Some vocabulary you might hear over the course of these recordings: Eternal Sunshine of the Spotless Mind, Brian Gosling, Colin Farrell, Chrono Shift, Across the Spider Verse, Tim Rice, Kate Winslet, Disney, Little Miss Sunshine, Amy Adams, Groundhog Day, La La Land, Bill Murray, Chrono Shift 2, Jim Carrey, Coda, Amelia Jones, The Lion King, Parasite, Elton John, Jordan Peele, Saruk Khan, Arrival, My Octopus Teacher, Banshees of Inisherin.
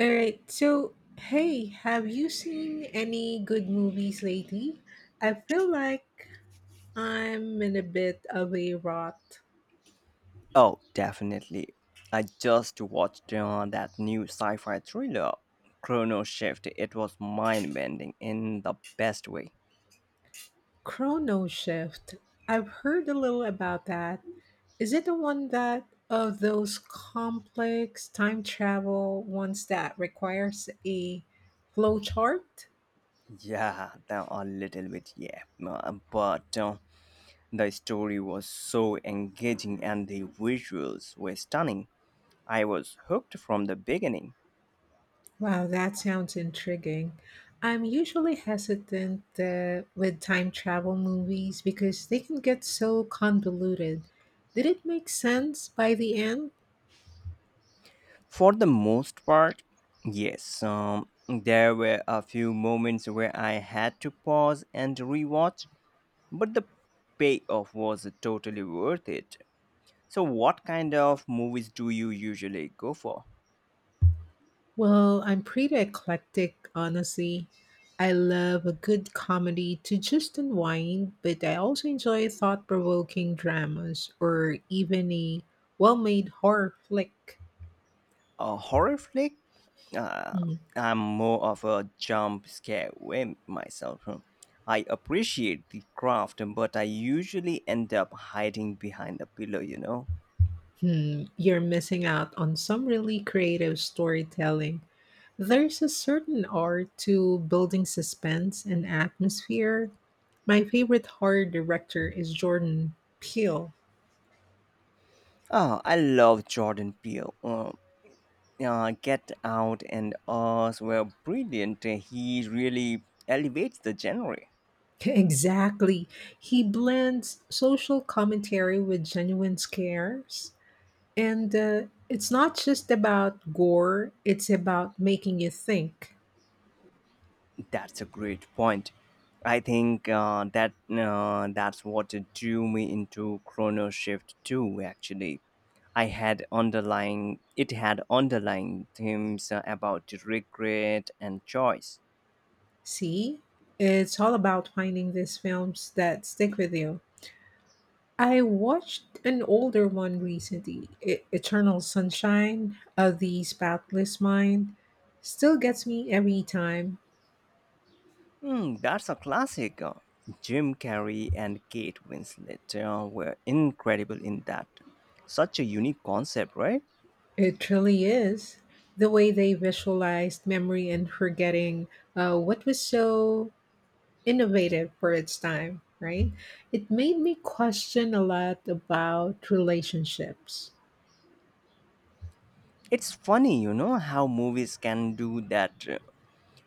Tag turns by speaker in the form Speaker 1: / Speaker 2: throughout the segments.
Speaker 1: All right. So, hey, have you seen any good movies lately? I feel like I'm in a bit of a rot.
Speaker 2: Oh, definitely. I just watched that new sci-fi thriller, Chrono Shift. It was mind-bending in the best way.
Speaker 1: Chrono Shift. I've heard a little about that. Is it the one that of those complex time travel ones that requires a flowchart?
Speaker 2: Yeah, there a little bit, yeah, but the story was so engaging and the visuals were stunning. I was hooked from the beginning.
Speaker 1: Wow, that sounds intriguing. I'm usually hesitant with time travel movies because they can get so convoluted. Did it make sense by the end?
Speaker 2: For the most part, yes, there were a few moments where I had to pause and rewatch but the payoff was totally worth it. So, what kind of movies do you usually go for?
Speaker 1: Well, I'm pretty eclectic, honestly. I love a good comedy to just unwind, but I also enjoy thought provoking dramas or even a well made horror flick.
Speaker 2: A horror flick? Uh,
Speaker 1: Hmm.
Speaker 2: I'm more of a jump scare wimp myself. Huh. I appreciate the craft, but I usually end up hiding behind a pillow, you know?
Speaker 1: Hmm, you're missing out on some really creative storytelling. There's a certain art to building suspense and atmosphere. My favorite horror director is Jordan Peele.
Speaker 2: Oh, I love Jordan Peele. Get Out and Us were brilliant. He really elevates the genre.
Speaker 1: Exactly. He blends social commentary with genuine scares. And It's not just about gore, it's about making you think.
Speaker 2: That's a great point. I think that's what drew me into Chrono Shift 2, actually. I had underlying it had underlying themes about regret and choice.
Speaker 1: See? It's all about finding these films that stick with you. I watched an older one recently, Eternal Sunshine of the Spotless Mind. Still gets me every time.
Speaker 2: Hmm, that's a classic. Jim Carrey and Kate Winslet were incredible in that. Such a unique concept, right?
Speaker 1: It really is. The way they visualized memory and forgetting what was so innovative for its time, right? It made me question a lot about relationships.
Speaker 2: It's funny, you know, how movies can do that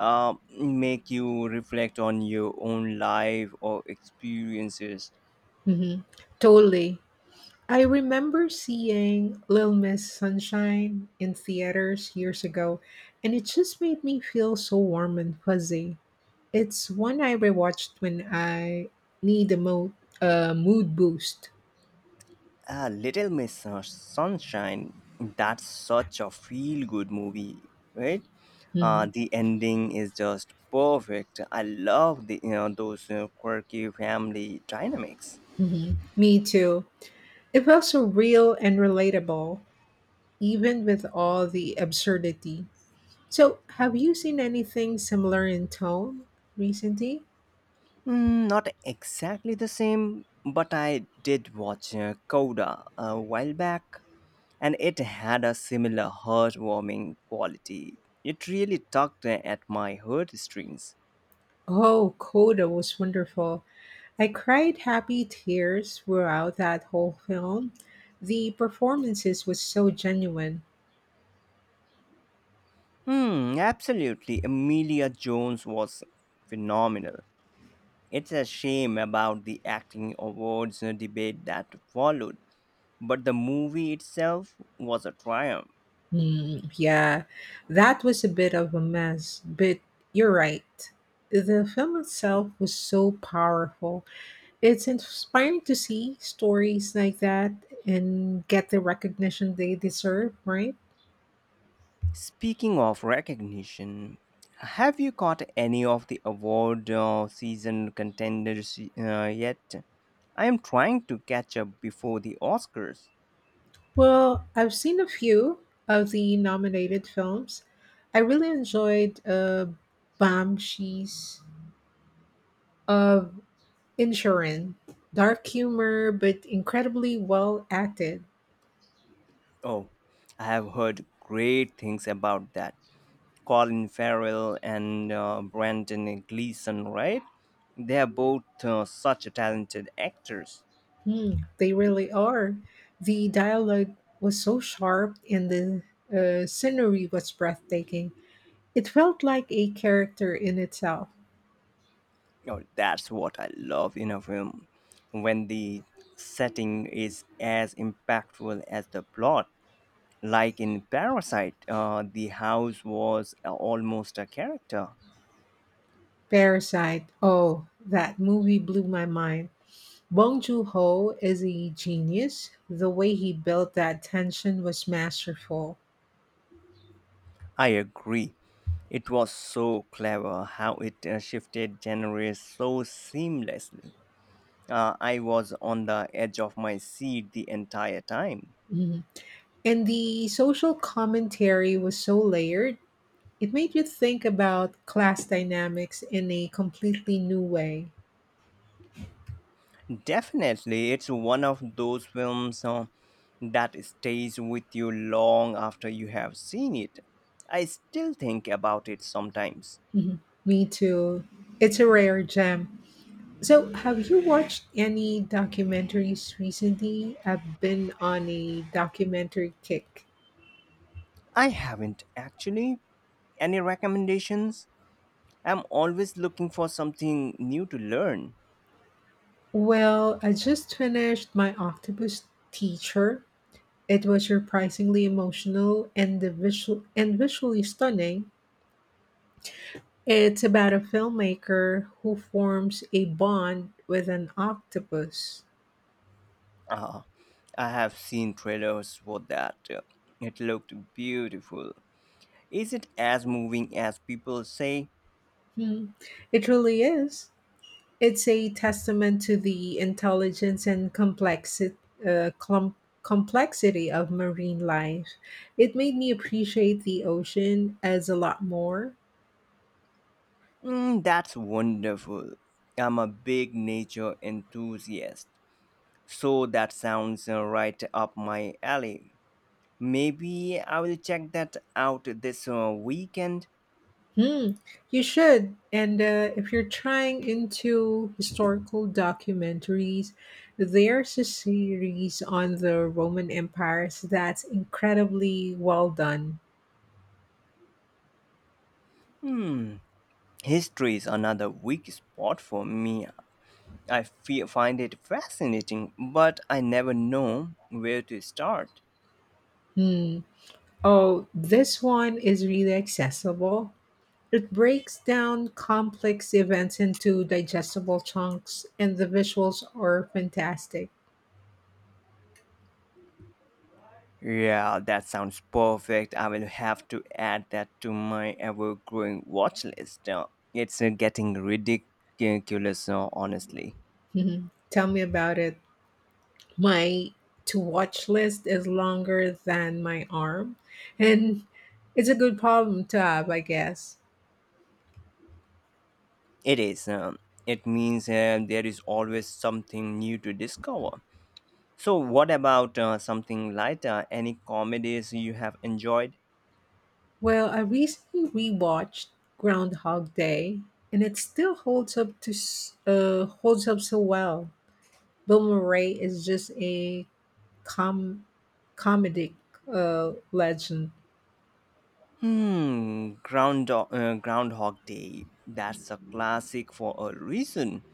Speaker 2: uh, uh, make you reflect on your own life or experiences.
Speaker 1: Hmm. Totally. I remember seeing Little Miss Sunshine in theaters years ago, and it just made me feel so warm and fuzzy. It's one I rewatched when I need a mo- a mood boost.
Speaker 2: Ah, Little Miss Sunshine, that's such a feel good movie, right?
Speaker 1: Hmm.
Speaker 2: The ending is just perfect. I love the those you quirky family dynamics.
Speaker 1: Hmm. Me too. It felt so real and relatable, even with all the absurdity. So, have you seen anything similar in tone recently?
Speaker 2: Mm, not exactly the same, but I did watch Coda a while back, and it had a similar heartwarming quality. It really tugged at my heartstrings.
Speaker 1: Oh, Coda was wonderful. I cried happy tears throughout that whole film. The performances was so genuine.
Speaker 2: Hmm, absolutely. Amelia Jones was phenomenal. It's a shame about the acting awards debate that followed, but the movie itself was a triumph.
Speaker 1: Mm, yeah, that was a bit of a mess, but you're right. The film itself was so powerful. It's inspiring to see stories like that and get the recognition they deserve, right?
Speaker 2: Speaking of recognition, have you caught any of the award season contenders yet? I am trying to catch up before the Oscars.
Speaker 1: Well, I've seen a few of the nominated films. I really enjoyed Banshees of Inisherin. Dark humor, but incredibly well acted.
Speaker 2: Oh, I have heard great things about that. Colin Farrell and Brandon Gleeson, right? They are both such talented actors.
Speaker 1: Mm, they really are. The dialogue was so sharp and the scenery was breathtaking. It felt like a character in itself.
Speaker 2: Oh, that's what I love in a film, when the setting is as impactful as the plot. Like in Parasite, the house was almost a character.
Speaker 1: Parasite. Oh, that movie blew my mind. Bong Joon-ho is a genius. The way he built that tension was masterful.
Speaker 2: I agree. It was so clever how it shifted genres so seamlessly. I was on the edge of my seat the entire time.
Speaker 1: Mhm. And the social commentary was so layered. It made you think about class dynamics in a completely new way.
Speaker 2: Definitely, it's one of those films that stays with you long after you have seen it. I still think about it sometimes.
Speaker 1: Mhm. Me too. It's a rare gem. So, have you watched any documentaries recently? I've been on a documentary kick.
Speaker 2: I haven't actually. Any recommendations? I'm always looking for something new to learn.
Speaker 1: Well, I just finished My Octopus Teacher. It was surprisingly emotional and the visually stunning. It's about a filmmaker who forms a bond with an octopus.
Speaker 2: Uh, I have seen trailers for that. It looked beautiful. Is it as moving as people say?
Speaker 1: Hmm. It really is. It's a testament to the intelligence and complexity, uh, clum- complexity of marine life. It made me appreciate the ocean as a lot more.
Speaker 2: Mm, that's wonderful. I'm a big nature enthusiast, so that sounds right up my alley. Maybe I will check that out this weekend.
Speaker 1: Hmm, you should. And if you're trying into historical documentaries, there's a series on the Roman empires that's incredibly well done.
Speaker 2: Hmm, history is another weak spot for me. I fe find it fascinating, but I never know where to start.
Speaker 1: Hmm. Oh, this one is really accessible. It breaks down complex events into digestible chunks, and the visuals are fantastic.
Speaker 2: Yeah, that sounds perfect. I will have to add that to my ever growing watch list. It's getting ridiculous, honestly.
Speaker 1: Mhm. Tell me about it. My to watch list is longer than my arm, and it's a good problem to have, I guess.
Speaker 2: It is. It means there is always something new to discover. So, what about something lighter? Any comedies you have enjoyed?
Speaker 1: Well, I recently rewatched Groundhog Day, and it still holds up so well. Bill Murray is just a com- comedic legend.
Speaker 2: Hmm, Groundhog Day. That's a classic for a reason.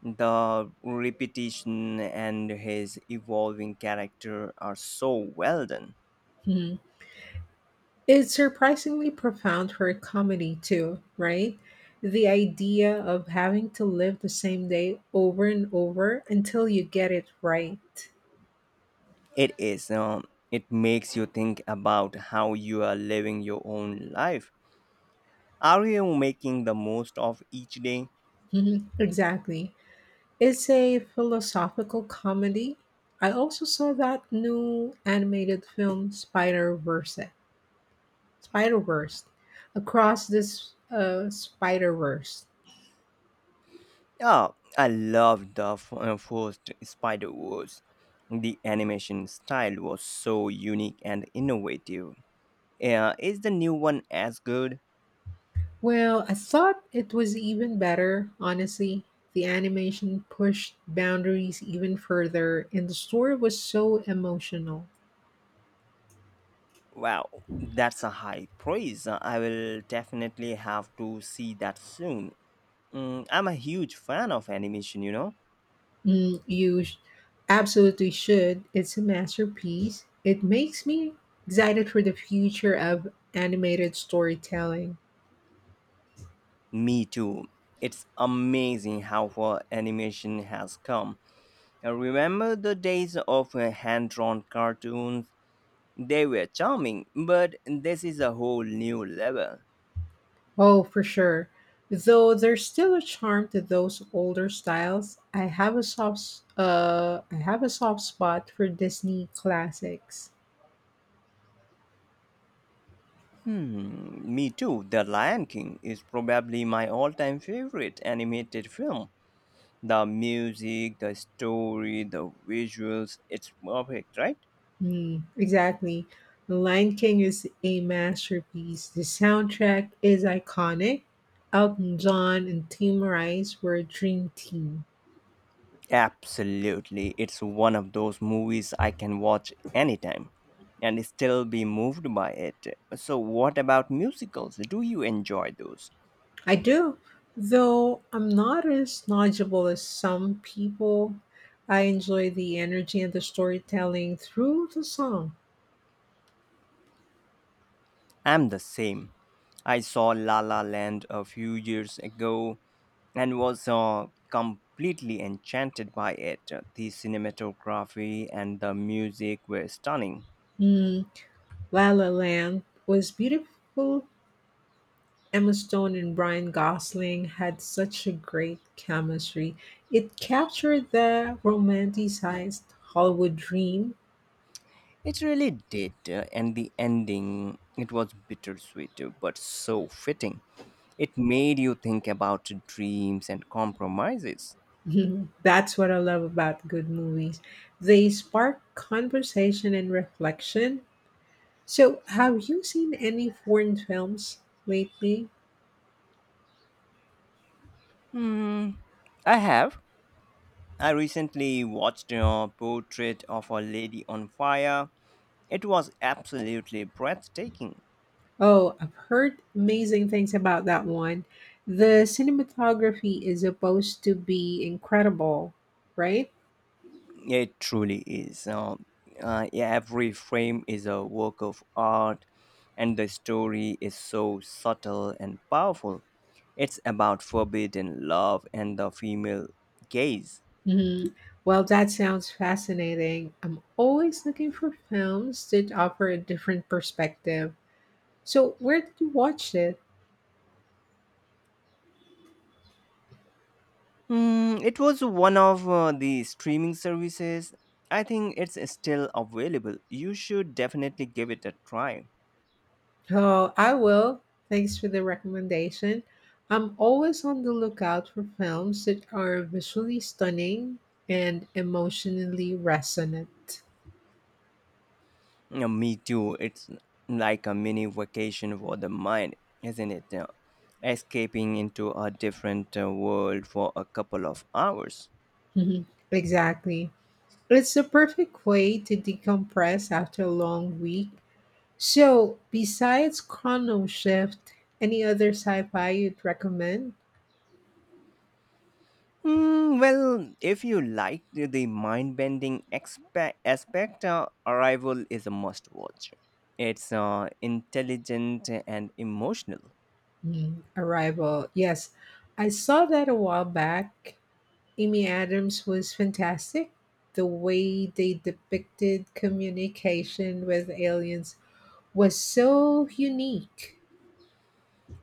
Speaker 2: The repetition and his evolving character are so well done.
Speaker 1: Mhm. It's surprisingly profound for a comedy, too, right? The idea of having to live the same day over and over until you get it right.
Speaker 2: It is. It makes you think about how you are living your own life. Are you making the most of each day?
Speaker 1: Mhm. Exactly. It's a philosophical comedy. I also saw that new animated film, Spider Verse. Spider Verse. Across this Spider Verse.
Speaker 2: Oh, I love the first Spider Wars. The animation style was so unique and innovative. Yeah, is the new one as good?
Speaker 1: Well, I thought it was even better, honestly. The animation pushed boundaries even further, and the story was so emotional.
Speaker 2: Wow, that's a high praise. I will definitely have to see that soon. Mm, I'm a huge fan of animation, you know?
Speaker 1: Mm, you sh- Absolutely should. It's a masterpiece. It makes me excited for the future of animated storytelling.
Speaker 2: Me too. It's amazing how far animation has come. I remember the days of hand drawn cartoons? They were charming, but this is a whole new level.
Speaker 1: Oh, for sure. Though there's still a charm to those older styles, I have a soft spot for Disney classics.
Speaker 2: Hmm, me too. The Lion King is probably my all time favorite animated film. The music, the story, the visuals, it's perfect, right?
Speaker 1: Mm, exactly. The Lion King is a masterpiece. The soundtrack is iconic. Elton John and Tim Rice were a dream team.
Speaker 2: Absolutely. It's one of those movies I can watch anytime and still be moved by it. So, what about musicals? Do you enjoy those?
Speaker 1: I do, though I'm not as knowledgeable as some people. I enjoy the energy and the storytelling through the song.
Speaker 2: I'm the same. I saw La La Land a few years ago and was completely enchanted by it. The cinematography and the music were stunning.
Speaker 1: Mm, La La Land was beautiful. Emma Stone and Brian Gosling had such a great chemistry. It captured the romanticized Hollywood dream.
Speaker 2: It really did, and the ending, it was bittersweet but so fitting. It made you think about dreams and compromises.
Speaker 1: That's what I love about good movies. They spark conversation and reflection. So, have you seen any foreign films lately?
Speaker 2: Hmm, I have. I recently watched a portrait of a lady on fire. It was absolutely breathtaking.
Speaker 1: Oh, I've heard amazing things about that one. The cinematography is supposed to be incredible, right?
Speaker 2: It truly is. Yeah, every frame is a work of art, and the story is so subtle and powerful. It's about forbidden love and the female gaze.
Speaker 1: Hmm. Well, that sounds fascinating. I'm always looking for films that offer a different perspective. So, where did you watch it?
Speaker 2: Hmm, it was one of the streaming services. I think it's still available. You should definitely give it a try.
Speaker 1: Oh, I will. Thanks for the recommendation. I'm always on the lookout for films that are visually stunning and emotionally resonant.
Speaker 2: Yeah, me too. It's like a mini vacation for the mind, isn't it? Escaping into a different world for a couple of hours.
Speaker 1: Mhm. Exactly. It's the perfect way to decompress after a long week. So, besides Chrono Shift, any other sci-fi you'd recommend?
Speaker 2: Mm, well, if you like the mind bending aspect, Arrival is a must watch. It's intelligent and emotional.
Speaker 1: Mm, Arrival. Yes, I saw that a while back. Amy Adams was fantastic. The way they depicted communication with aliens was so unique.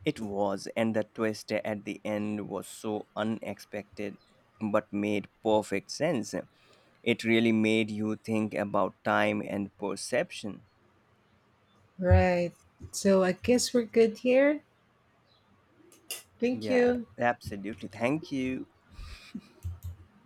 Speaker 2: It was, and the twist at the end was so unexpected but made perfect sense. It really made you think about time and perception.
Speaker 1: Right. So, I guess we're good here. Thank
Speaker 2: Yeah,
Speaker 1: you.
Speaker 2: absolutely. Thank you.